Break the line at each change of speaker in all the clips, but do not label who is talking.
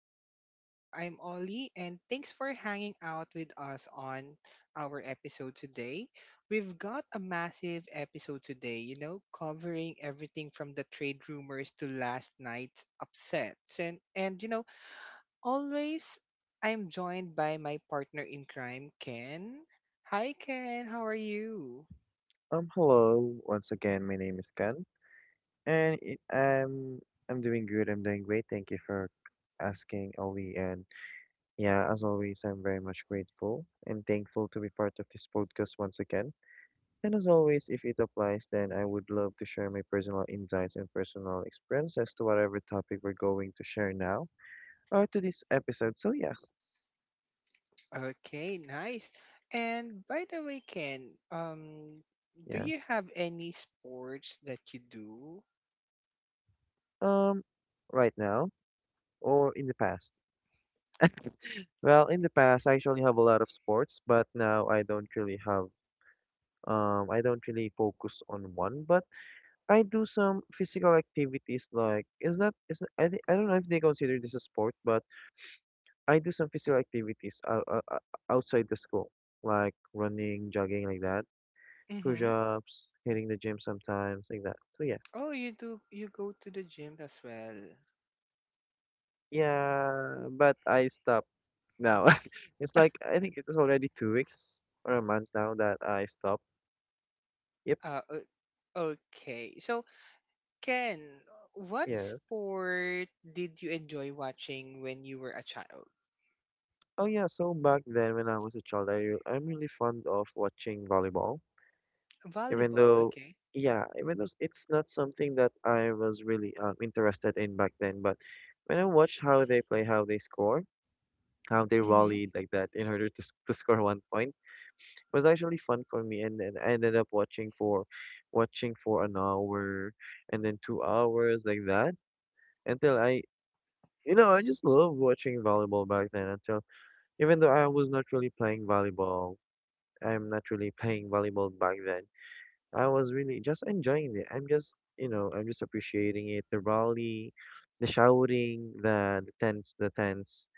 to the show. I'm Ollie and thanks for hanging out with us on our episode today. We've got a massive episode today, you know, covering everything from the trade rumors to last night's upsets. And you know, always I'm joined by my partner in crime, Ken. Hi Ken, how are you?
Hello once again. My name is Ken, and I'm doing good. I'm doing great. Thank you for asking, Ollie. And yeah, as always, I'm very much grateful and thankful to be part of this podcast once again. And as always, if it applies, then I would love to share my personal insights and personal experiences to whatever topic we're going to share now or to this episode. So yeah,
Okay, nice. And by the way, Ken, do
yeah.
you have any sports that you do?
Um, right now or in the past. Well, in the past, I actually have a lot of sports, but now I don't really have. I don't really focus on one, but I do some physical activities like is that is I thi- I don't know if they consider this a sport, but I do some physical activities outside the school, like running, jogging like that,
Mm-hmm.
push-ups, hitting the gym sometimes like that. So yeah,
Oh, you do. You go to the gym as well.
yeah, but I stopped now. It's like I think it was already 2 weeks or a month now that I stopped. Yep.
Uh, o- okay. So, Ken, what
Yeah.
sport did you enjoy watching when you were a child?
Oh yeah. So back then when I was a child, I'm really fond of watching volleyball. Even
Volleyball.
though
Okay.
yeah, even though it's not something that I was really interested in back then, but when I watched how they play, how they score, how they
Mm-hmm.
rallied like that in order to score one point, it was actually fun for me, and then I ended up watching for an hour and then 2 hours like that until I, you know, I just love watching volleyball back then. Until even though I was not really playing volleyball, I'm not really playing volleyball back then, I was really just enjoying it. I'm just, you know, I'm just appreciating it. The rally, the shouting, the the tense, the tense,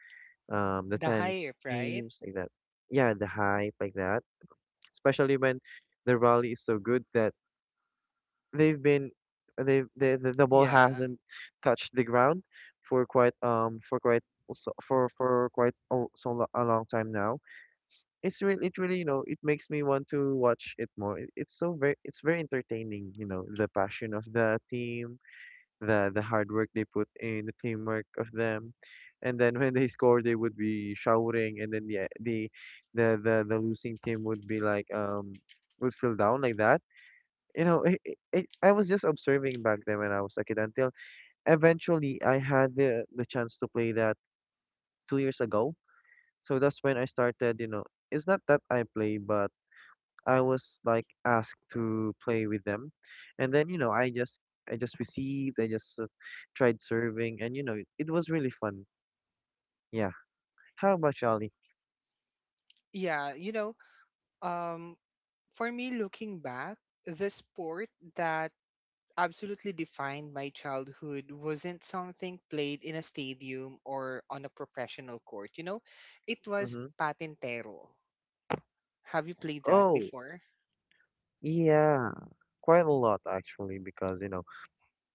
um, the
The high
tense
up, right?
themes like that. Yeah, the hype like that. Especially when the rally is so good that they've been, they the ball
Yeah.
hasn't touched the ground for quite so for quite a, so lo- a long time now. It's really, you know, it makes me want to watch it more. It's so very, it's very entertaining. You know, the passion of the team, the hard work they put in, the teamwork of them. And then when they score, they would be shouting, and then the losing team would be like would feel down like that. You know, I was just observing back then when I was a kid, until eventually I had the chance to play that 2 years ago. So that's when I started. You know, it's not that I play, but I was like asked to play with them, and then you know I just received, I just tried serving, and you know it was really fun. Yeah. How about Charlie?
Yeah. You know, um, for me, looking back, the sport that absolutely defined my childhood wasn't something played in a stadium or on a professional court. You know, it was
Mm-hmm.
patintero. Have you played that
Oh
before?
yeah, quite a lot actually, because you know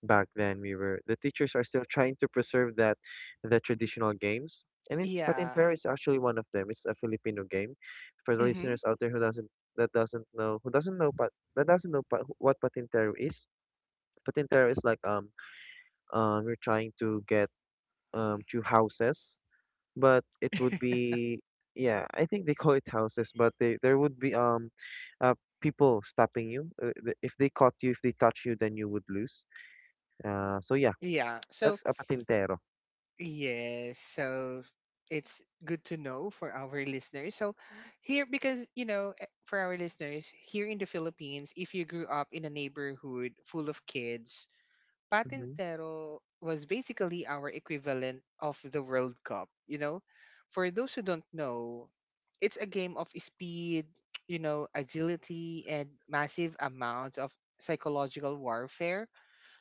back then we were the teachers are still trying to preserve that, the traditional games. And in, but in
Yeah.
Paris, actually one of them. It's a Filipino game. For the
Mm-hmm.
listeners out there who doesn't know, but that doesn't know pa, what patintero is. Patintero is like we're trying to get two houses, but it would be, yeah, I think they call it houses, but they there would be uh people stopping you. If they caught you, if they touch you, then you would lose. So yeah,
Yeah. So,
that's a patintero.
yes. So, it's good to know for our listeners. So, here, because, you know, eh, for our listeners, here in the Philippines, if you grew up in a neighborhood full of kids,
Mm-hmm.
patintero was basically our equivalent of the World Cup, you know? For those who don't know, it's a game of speed, you know, agility, and massive amounts of psychological warfare.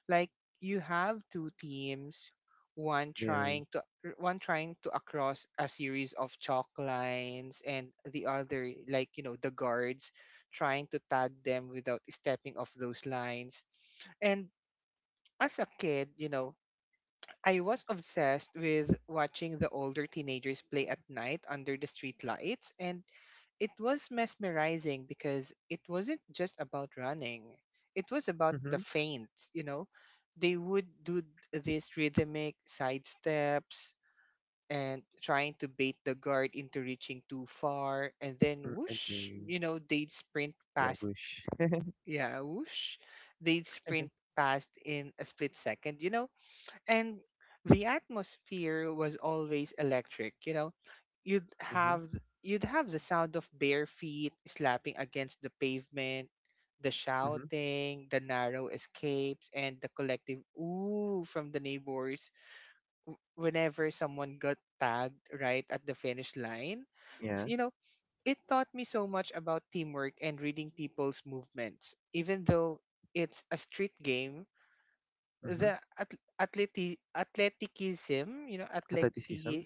Like, you have two teams, one
Yeah.
trying to one trying to across a series of chalk lines, and the other like you know the guards trying to tag them without stepping off those lines. And as a kid, you know, I was obsessed with watching the older teenagers play at night under the street lights, and it was mesmerizing because it wasn't just about running. It was about the
Mm-hmm.
feints, you know. They would do these rhythmic side steps and trying to bait the guard into reaching too far, and then
Mm,
whoosh,
agree.
you know, they'd sprint
Yeah,
past.
bush.
Yeah, whoosh, they'd sprint past in a split second. You know, and the atmosphere was always electric, you know. You'd
Mm-hmm.
have you'd have the sound of bare feet slapping against the pavement, the
Mm-hmm.
shouting, the narrow escapes and the collective ooh from the neighbors whenever someone got tagged right at the finish line. So,
Yeah.
you know, it taught me so much about teamwork and reading people's movements. Even though it's a street game,
Mm-hmm.
the athleticism, you know, athletic,
Athleticism.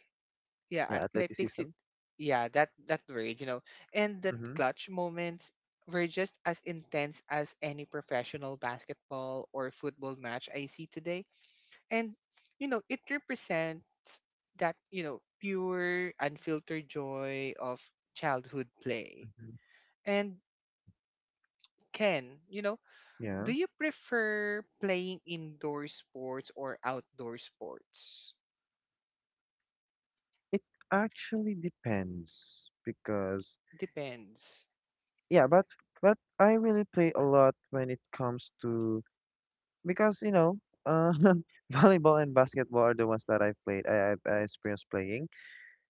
yeah,
Yeah,
athletics,
athleticism.
it- yeah, that that word, you know, and that
Mhm,
clutch moments were just as intense as any professional basketball or football match I see today. And you know, it represents that you know pure, unfiltered joy of childhood play.
mhm.
And Ken, you know,
Yeah.
do you prefer playing indoor sports or outdoor sports?
It actually depends because
Depends.
yeah, but I really play a lot when it comes to, because you know, uh, volleyball and basketball are the ones that I've played. I experienced playing,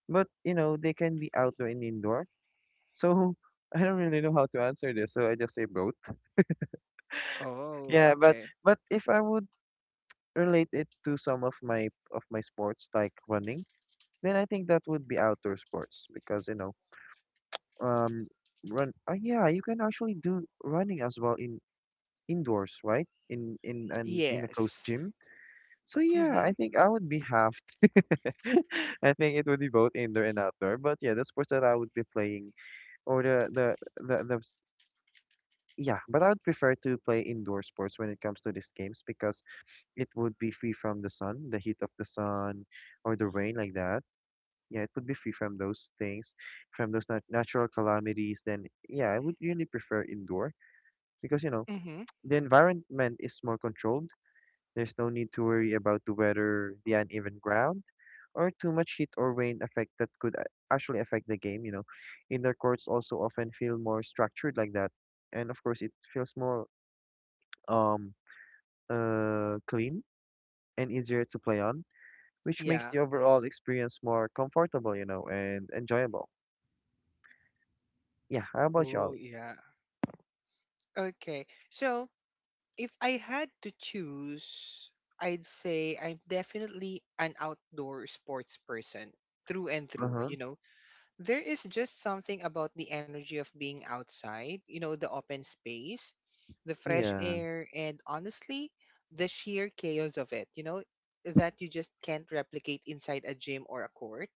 but you know they can be outdoor and indoor. So I don't really know how to answer this, so I just say both.
Oh,
Yeah,
okay.
but if I would relate it to some of my sports like running, then I think that would be outdoor sports, because you know um run yeah, you can actually do running as well in indoors, right, in a closed
Yes.
gym. So yeah,
Mm-hmm.
I think I would be half I think it would be both indoor and outdoor. But yeah, the sports that I would be playing, or the, the s- yeah, but I would prefer to play indoor sports when it comes to these games, because it would be free from the sun, the heat of the sun or the rain like that. Yeah, it would be free from those things, from those natural calamities. Then yeah, I would really prefer indoor, because you know
Mm-hmm.
the environment is more controlled. There's no need to worry about the weather, the uneven ground, or too much heat or rain effect that could actually affect the game, you know. Indoor courts also often feel more structured like that, and of course it feels more um clean and easier to play on, which makes
Yeah.
the overall experience more comfortable, you know, and enjoyable. Yeah, how about you,
Oh,
Ollie?
yeah. Okay. So if I had to choose, I'd say I'm definitely an outdoor sports person through and through,
Uh-huh.
you know. There is just something about the energy of being outside, you know, the open space, the fresh
Yeah.
air, and honestly, the sheer chaos of it, you know, that you just can't replicate inside a gym or a court.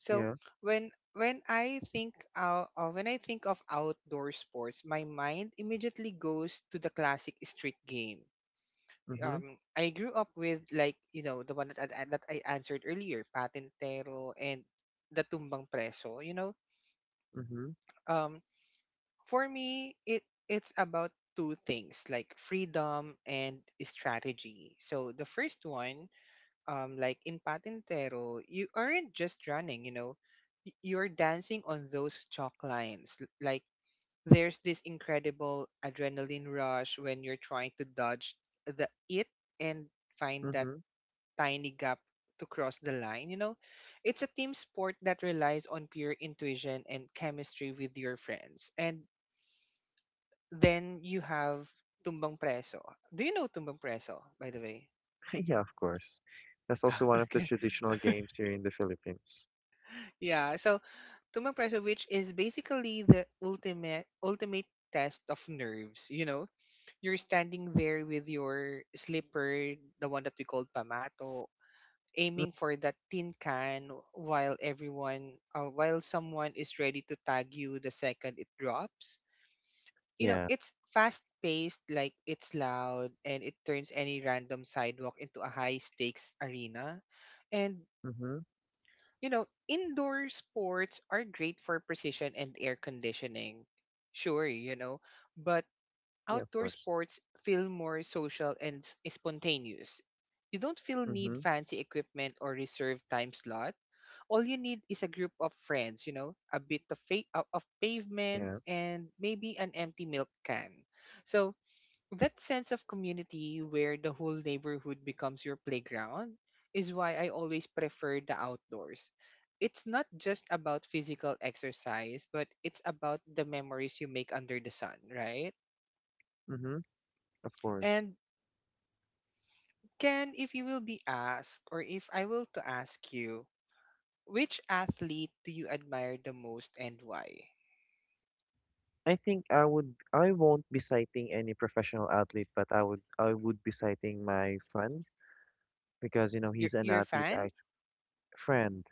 So
Yeah.
when I think of outdoor sports, my mind immediately goes to the classic street game.
Mhm.
I grew up with like you know the one that that I answered earlier, patentero and the tumbang preso. You know,
Mhm.
um, for me it's about two things like freedom and strategy. So the first one, like in patintero you aren't just running, you know. You're dancing on those chalk lines. Like, there's this incredible adrenaline rush when you're trying to dodge the it and find that
Mhm.
tiny gap to cross the line, you know. It's a team sport that relies on pure intuition and chemistry with your friends, and then you have tumbang preso. Do you know tumbang preso by the way?
Yeah, of course. That's also one of the
Okay,
traditional games here in the Philippines.
yeah. So tumbang preso, which is basically the ultimate test of nerves. You know, you're standing there with your slipper, the one that we called pamato,
Mm,
aiming for that tin can while while someone is ready to tag you the second it drops. You know,
yeah.
it's fast paced, like it's loud, and it turns any random sidewalk into a high stakes arena. And
Mhm.
you know, indoor sports are great for precision and air conditioning. Sure, you know, but
Yeah, of
outdoor
course.
sports feel more social and spontaneous. You don't feel need
Mhm.
fancy equipment or reserved time slot. All you need is a group of friends, you know, a bit of of pavement
Yeah.
and maybe an empty milk can. So that sense of community where the whole neighborhood becomes your playground is why I always prefer the outdoors. It's not just about physical exercise, but it's about the memories you make under the sun, right?
Mhm. Of course.
And Ken, if you will be asked, or if I will to ask you, which athlete do you admire the most and why?
I think I would, I won't be citing any professional athlete, but I would be citing my friend, because you know he's an
Your
athlete
fan?
friend.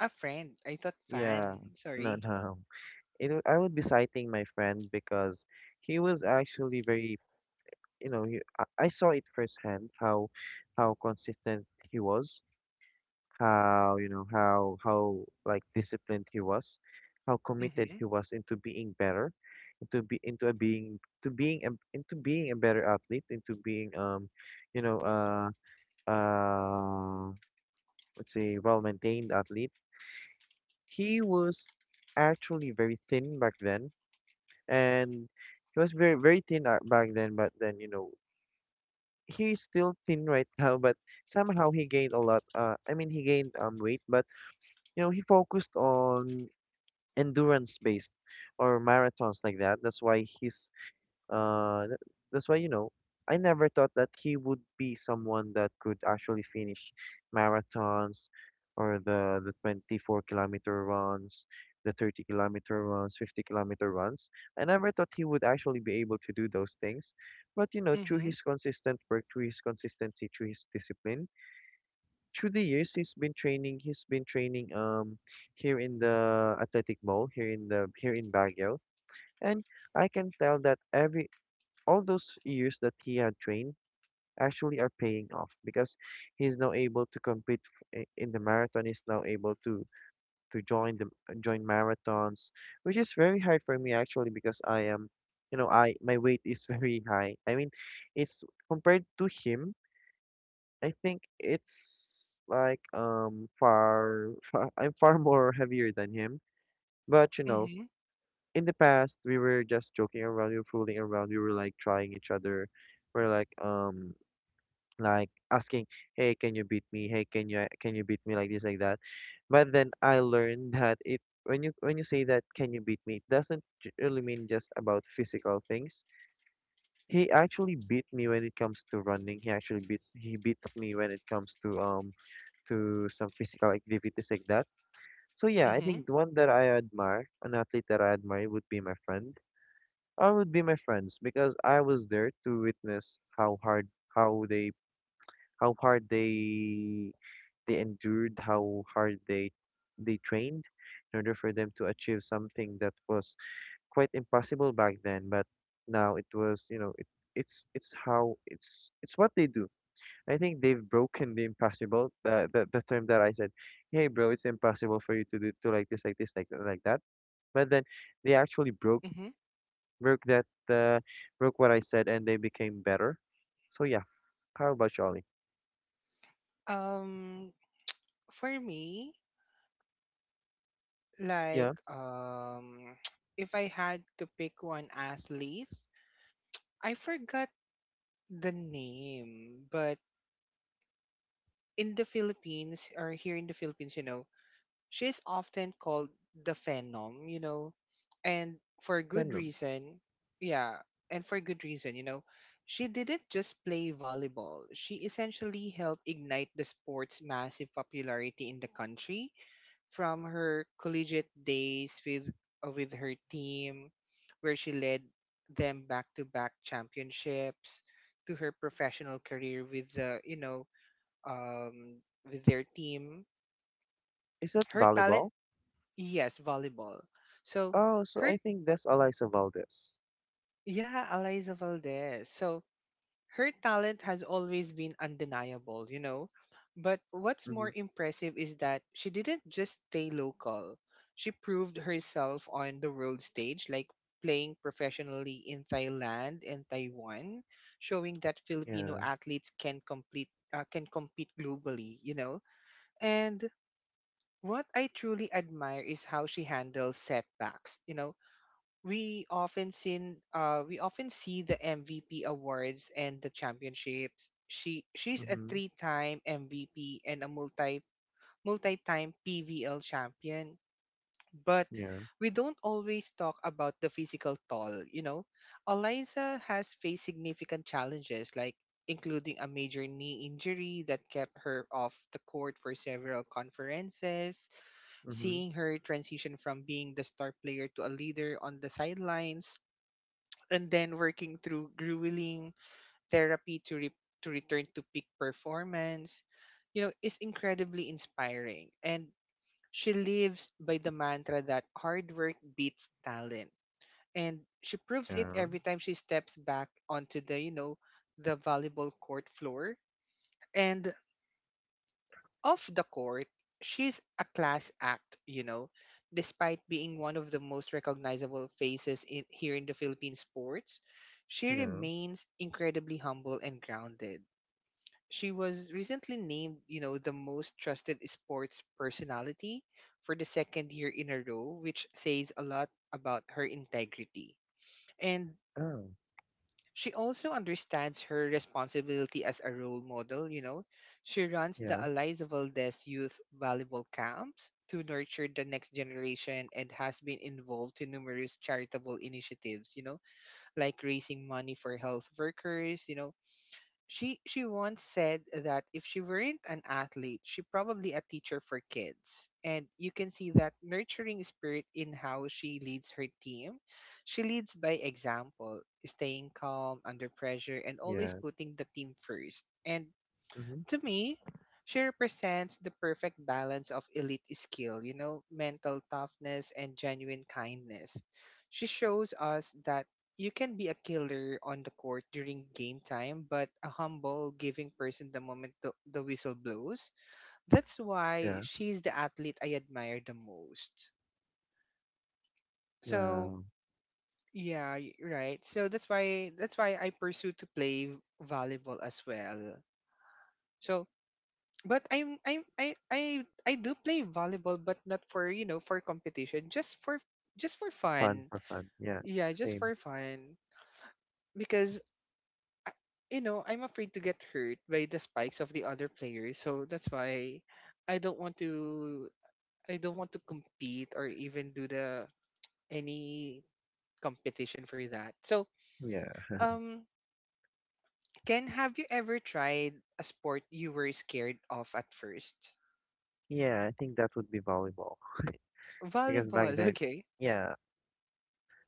A friend. I thought
Yeah.
fan.
No,
Sorry.
no. I would be citing my friend because he was actually very, you know, I saw it firsthand how consistent he was, how you know how like disciplined he was, how committed
Mm-hmm.
he was into being better, into be into a being to being a, into being a better athlete, into being you know, uh let's say well maintained athlete. He was actually very thin back then, and he was very thin back then, but then you know he's still thin right now, but somehow he gained a lot. I mean, he gained weight, but you know, he focused on endurance based or marathons like that. That's why his uh, th- that's why, you know, I never thought that he would be someone that could actually finish marathons or the 24-kilometer runs, the 30-kilometer runs, 50-kilometer runs. I never thought he would actually be able to do those things. But, you know, through
Mm-hmm.
his consistent work, through his consistency, through his discipline, through the years he's been training here in the athletic mall, here in Baguio. And I can tell that every all those years that he had trained actually are paying off, because he's now able to compete in the marathon. He's now able to to join the join marathons, which is very hard for me actually because I am, you know, I my weight is very high. I mean, it's compared to him. I think it's like far, far I'm far more heavier than him. But you know,
Mm-hmm.
in the past we were just joking around, we were fooling around, we were like trying each other. We're like asking, "Hey, can you beat me? Hey, can you beat me like this, like that?" But then I learned that it when you say that, "Can you beat me?" it doesn't really mean just about physical things. He actually beat me when it comes to running. He actually beats me when it comes to some physical activities like that. So yeah, I
Mm-hmm.
think the one that I admire, an athlete that I admire would be my friend. I would be my friends, because I was there to witness how they how hard they endured, how hard they trained in order for them to achieve something that was quite impossible back then. But now it was, you know, it's how it's what they do. I think they've broken the impossible. The term that I said, hey bro, it's impossible for you to like this, like this, like that, like that. But then they actually
Mm-hmm.
broke that broke what I said, and they became better. So yeah, how about Charlie?
Um, for me, like
Yeah,
if I had to pick one athlete, I forgot the name, but in the Philippines or here in the Philippines, you know, she's often called the Phenom, you know, and for good
Venom.
reason. Yeah, and for good reason, you know. She didn't just play volleyball. She essentially helped ignite the sport's massive popularity in the country, from her collegiate days with her team, where she led them back-to-back championships, to her professional career with the you know um, with their team.
Is that
Her talent,
volleyball?
yes, volleyball. So
Oh, so
her,
I think that's Eliza Valdez.
yeah, Eliza Valdez. So her talent has always been undeniable, you know. But what's
Mm-hmm.
more impressive is that she didn't just stay local. She proved herself on the world stage, like playing professionally in Thailand and Taiwan, showing that Filipino
Yeah.
athletes can complete can compete globally, you know. And what I truly admire is how she handles setbacks. You know, we often see the MVP awards and the championships. She's a
Mm-hmm.
three-time MVP and a multi-time PVL champion, but
Yeah.
we don't always talk about the physical toll, you know. Eliza has faced significant challenges like including a major knee injury that kept her off the court for several conferences,
Mm-hmm.
seeing her transition from being the star player to a leader on the sidelines, and then working through grueling therapy to to return to peak performance, you know, is incredibly inspiring. And she lives by the mantra that hard work beats talent. And she proves it
Yeah.
every time she steps back onto the, you know, the volleyball court floor. And off the court, she's a class act, you know, despite being one of the most recognizable faces in, here in the Philippine sports. She
Yeah.
remains incredibly humble and grounded. She was recently named, you know, the most trusted sports personality for the second year in a row, which says a lot about her integrity. And
Oh.
she also understands her responsibility as a role model, you know. She runs the
Yeah.
Eliza Valdez Youth Volleyball Camps to nurture the next generation and has been involved in numerous charitable initiatives, you know, like raising money for health workers, you know. She once said that if she weren't an athlete, she probably a teacher for kids. And you can see that nurturing spirit in how she leads her team. She leads by example, staying calm under pressure and always
Yeah.
putting the team first. And
Mm-hmm.
to me, she represents the perfect balance of elite skill, you know, mental toughness and genuine kindness. She shows us that you can be a killer on the court during game time, but a humble, giving person the moment the whistle blows. That's why
Yeah.
she's the athlete I admire the most. So,
Wow.
yeah, right. So that's why I pursue to play volleyball as well. So but I'm I do play volleyball, but not for you know for competition, just for
Fun
fun.
for fun. Yeah.
Yeah, just
Same.
for fun because I- you know I'm afraid to get hurt by the spikes of the other players, so that's why I don't want to I don't want to compete or even do the any competition for that. So
Yeah.
um, Ken, have you ever tried a sport you were scared of at first?
Yeah. I think that would be volleyball because back
Volleyball,
then,
okay.
yeah.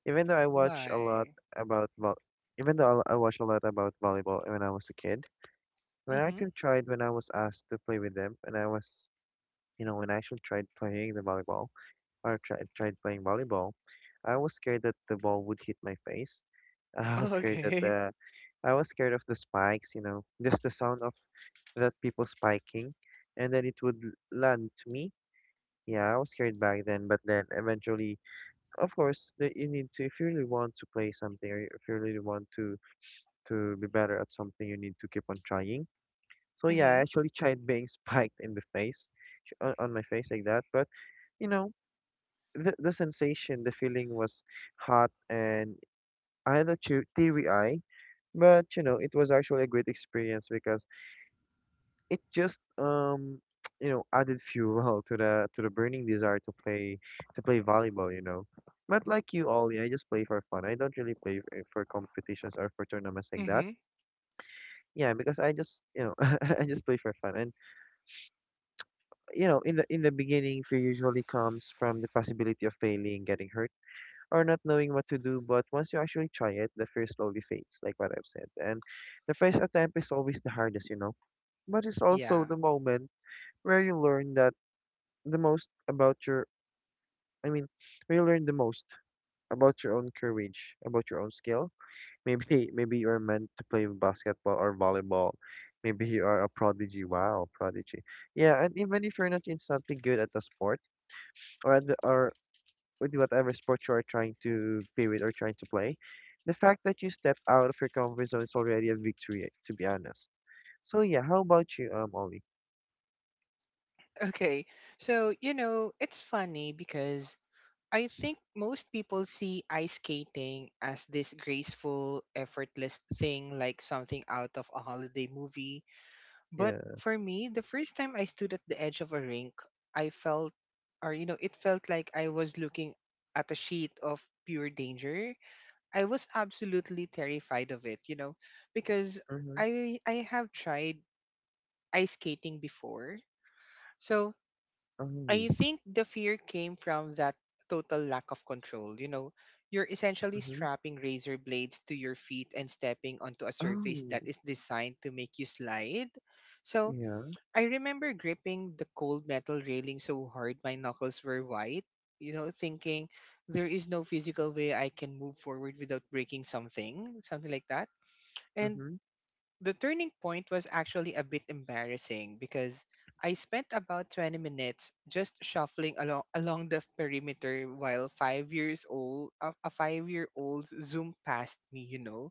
Even though I watch a lot
Why?
about vo even though I watch a lot about volleyball when I was a kid, when I
Mm-hmm.
actually tried when I was asked to play with them, and I was, when I actually tried playing the volleyball. Or tried playing volleyball, I was scared that the ball would hit my face. I was scared that
Okay.
the I was scared of the spikes, you know, just the sound of that people spiking, and then it would land to me. Yeah, I was scared back then, but then eventually, of course, you need to if you really want to play something, or if you really want to be better at something, you need to keep on trying. So yeah, I
Mhm.
actually tried being spiked in the face, on my face like that, but you know, the sensation, the feeling was hot, and I had a teary eye, but you know, it was actually a great experience because it just you know added fuel to the burning desire to play volleyball, you know. But like you, Ollie, I just play for fun. I don't really play for competitions or for tournaments like that.
Mhm.
Yeah, because I just I just play for fun, and you know in the beginning, fear usually comes from the possibility of failing, getting hurt or not knowing what to do. But once you actually try it, the fear slowly fades, like what I've said. And the first attempt is always the hardest, you know. But it's also
Yeah.
the moment where you learn that the most about I mean, where you learn the most about your own courage, about your own skill. Maybe, maybe you are meant to play basketball or volleyball. Maybe you are a prodigy. Wow, prodigy. Yeah, and even if you're not instantly good at the sport or at the or with whatever sport you are trying to be with or trying to play, the fact that you step out of your comfort zone is already a victory, to be honest. So yeah, how about you, Ollie?
Okay. So, you know, it's funny because I think most people see ice skating as this graceful, effortless thing like something out of a holiday movie. But
Yeah.
for me, the first time I stood at the edge of a rink, I felt, or you know, it felt like I was looking at a sheet of pure danger. I was absolutely terrified of it, you know, because
Mm-hmm.
I have tried ice skating before. So
Oh.
I think the fear came from that total lack of control. You know, you're essentially
Mm-hmm.
strapping razor blades to your feet and stepping onto a surface that
Oh.
is designed to make you slide. So
Yeah.
I remember gripping the cold metal railing so hard my knuckles were white, you know, thinking there is no physical way I can move forward without breaking something, something like that. And
Mm-hmm.
the turning point was actually a bit embarrassing because I spent about 20 minutes just shuffling along the perimeter while 5 year old zoomed past me, you know.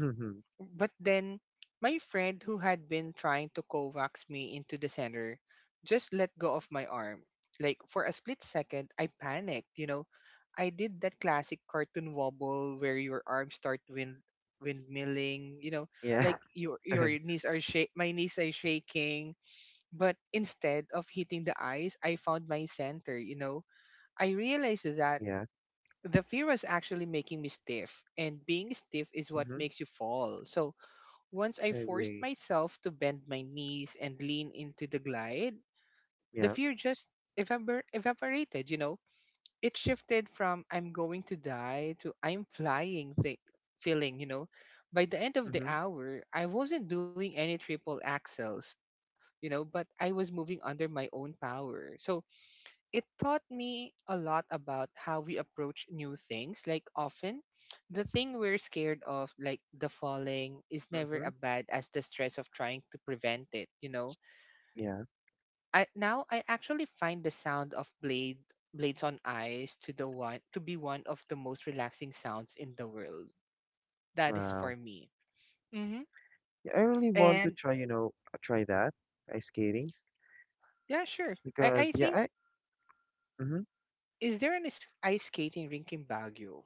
Mm-hmm.
But then, my friend who had been trying to coax me into the center just let go of my arm. Like, for a split second, I panicked, you know. I did that classic cartoon wobble where your arms start windmilling, you know,
Yeah.
like your knees are shak my knees are shaking. But instead of hitting the ice, I found my center, you know. I realized that
yeah.
the fear was actually making me stiff, and being stiff is what
Mm-hmm.
makes you fall. So once I
I
forced
agree.
myself to bend my knees and lean into the glide, the
Yeah.
fear just evaporated, you know? It shifted from I'm going to die to feeling, you know? By the end of the
Mm-hmm.
hour, I wasn't doing any triple axels, you know, but I was moving under my own power. So it taught me a lot about how we approach new things. Like often, the thing we're scared of, like the falling, is never
Mm-hmm.
as bad as the stress of trying to prevent it. You know,
Yeah.
I actually find the sound of blades on ice to the one to be one of the most relaxing sounds in the world. That is for
Wow.
me. Hmm.
Yeah, I really want to
And
try, you know, try that ice skating
yeah, sure. I
because
I
yeah,
think
I. Mm-hmm.
is there an ice skating rink in Baguio?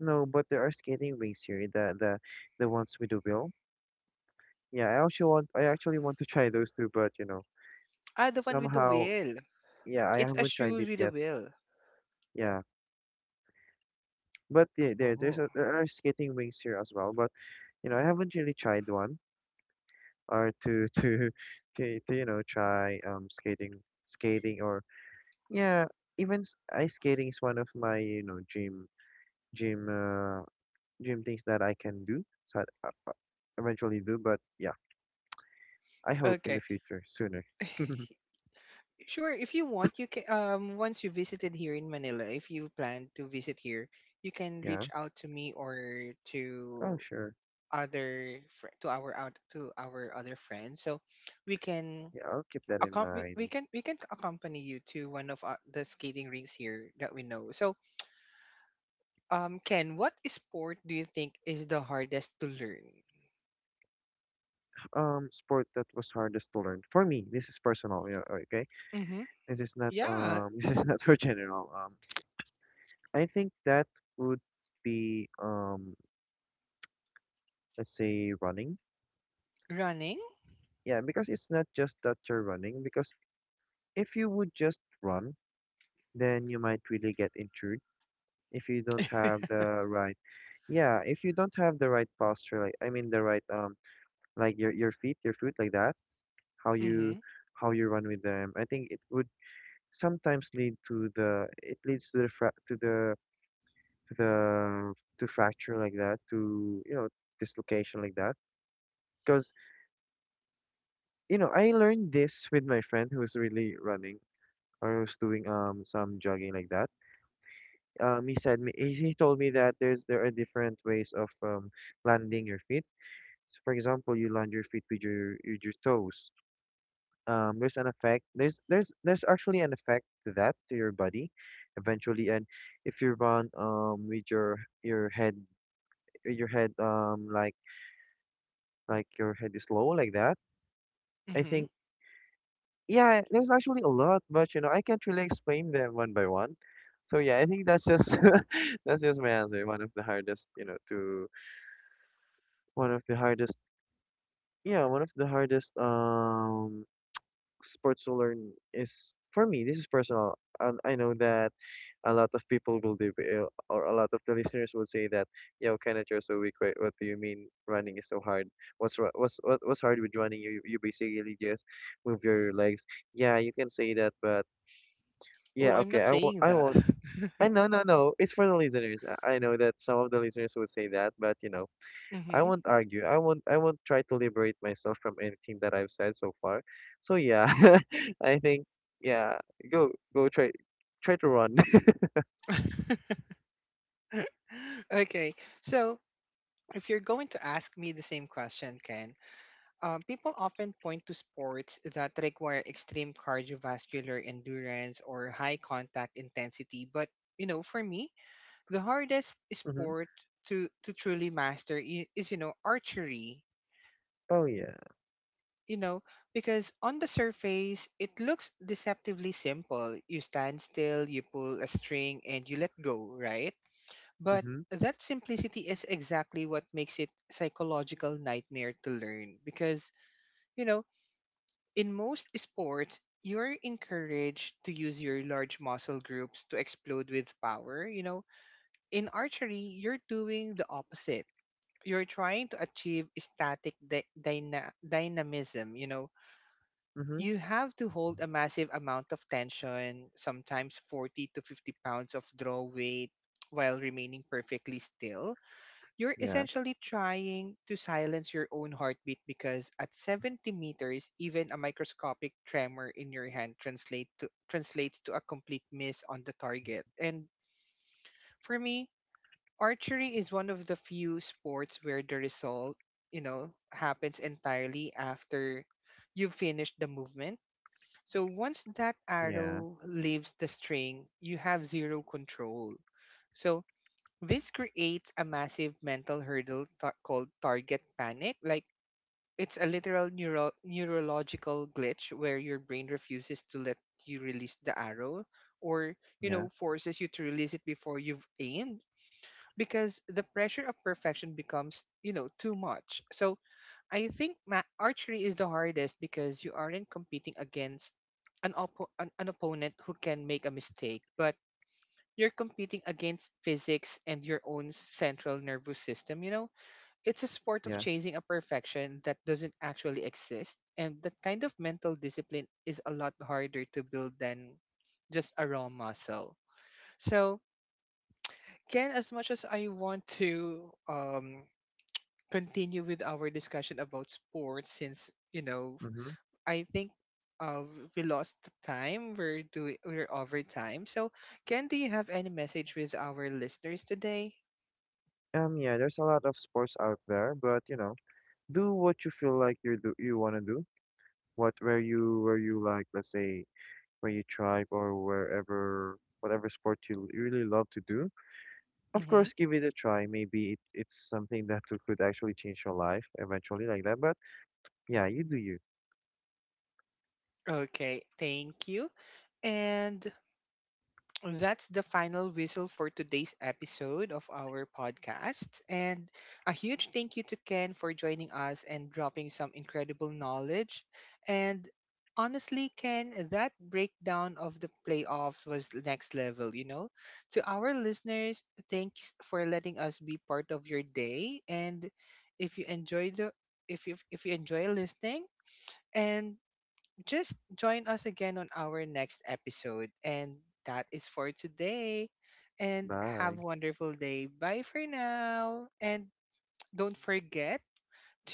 No, but there are skating rinks here. The the ones with the wheel. Yeah, I actually want to try those two, but you know,
Ah, the one with the
somehow
wheel.
yeah, I
It's a
haven't tried
shoes
it
with a
yet.
wheel.
Yeah. But there
Oh,
there are skating wings here as well, but you know, I haven't really tried one or to to, you know, try skating skating or Yeah, even ice skating is one of my, you know, gym uh gym things that I can do. So I eventually do, but yeah, I hope in the
okay.
future sooner.
Sure, if you want, you can once you visited here in Manila, if you plan to visit here, you can
Yeah.
reach out to me or
Oh,
to
sure.
other fr- to our out to our other friends. So we can
Yeah, I'll keep that in
we
mind.
can we can accompany you to one of the skating rinks here that we know. So, Ken, what sport do you think is the hardest to learn?
Sport that was hardest to learn for me, this is personal, yeah, okay,
Mhm.
this is not
Yeah,
this is not for general. I think that would be let's say running.
running.
Yeah, because it's not just that you're running, because if you would just run, then you might really get injured if you don't have the right, yeah, if you don't have the right posture, like I mean the right, like your feet, your foot like that, how you
Mhm.
how you run with them. I think it would sometimes lead to the it leads to the to the to fracture like that, to you know, dislocation like that, because you know I learned this with my friend who was really running or who's doing some jogging like that. He said me, he told me that there are different ways of landing your feet. So for example, you land your feet with your toes, there's an effect, there's actually an effect to that to your body eventually. And if you run with your head, your head, like your head is low like that, I
Mhm.
think, yeah, there's actually a lot, but you know I can't really explain them one by one. So yeah, I think that's just that's just my answer. One of the hardest, you know, to one of the hardest yeah, one of the hardest sports to learn is, for me, this is personal. And I know that a lot of people will do or a lot of the listeners will say that, yo Kenneth, you're so weak, what do you mean running is so hard, what's what's hard with running, you basically just move your legs. Yeah, you can say that, but
Oh,
yeah,
I'm
okay,
not saying
I
that.
won't. I No, no, no. It's for the listeners. I know that some of the listeners will say that, but you know, I
Mm-hmm.
won't argue. I won't try to liberate myself from anything that I've said so far. So yeah, I think yeah, go try to run.
Okay. So if you're going to ask me the same question, Ken, people often point to sports that require extreme cardiovascular endurance or high contact intensity. But, you know, for me, the hardest
hmm.
sport to truly master is, you know, archery.
Oh yeah.
You know, because on the surface, it looks deceptively simple. You stand still, you pull a string, and you let go, right? But
Mm-hmm.
that simplicity is exactly what makes it psychological nightmare to learn because, you know, in most sports, you're encouraged to use your large muscle groups to explode with power, you know. In archery, you're doing the opposite. You're trying to achieve static dynamism, you know.
Mm-hmm.
You have to hold a massive amount of tension, sometimes 40 to 50 pounds of draw weight, while remaining perfectly still. You're
Yeah.
essentially trying to silence your own heartbeat because at 70 meters, even a microscopic tremor in your hand translates to a complete miss on the target. And for me, archery is one of the few sports where the result, you know, happens entirely after you've finished the movement. So once that
Yeah.
arrow leaves the string, you have zero control. So this creates a massive mental hurdle called target panic. Like it's a literal neurological glitch where your brain refuses to let you release the arrow or, you
Yeah.
know, forces you to release it before you've aimed because the pressure of perfection becomes, you know, too much. So I think archery is the hardest because you aren't competing against an opponent who can make a mistake, but you're competing against physics and your own central nervous system, you know? It's a sport of
Yeah.
chasing a perfection that doesn't actually exist. And that kind of mental discipline is a lot harder to build than just a raw muscle. So, Ken, as much as I want to continue with our discussion about sports, since, you know,
Mm-hmm.
I think uh, we lost the time, we're, doing, we're over time. So, Ken, do you have any message with our listeners today?
Yeah, there's a lot of sports out there, but you know, do what you feel like you wanna do. What Where you let's say where you tribe, or wherever whatever sport you really love to do. Of
Mm-hmm.
course, give it a try. Maybe it's something that could actually change your life eventually, like that. But yeah, you do you.
Okay, thank you. And that's the final whistle for today's episode of our podcast. And a huge thank you to Ken for joining us and dropping some incredible knowledge. And honestly, Ken, that breakdown of the playoffs was next level, you know? To our listeners, thanks for letting us be part of your day. And if you enjoyed the if you enjoy listening, and just join us again on our next episode. And that is for today. And have a
Bye.
wonderful day. Bye for now. And don't forget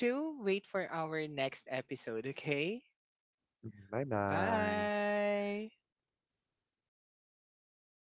to wait for our next episode, okay?
Bye bye.
Bye.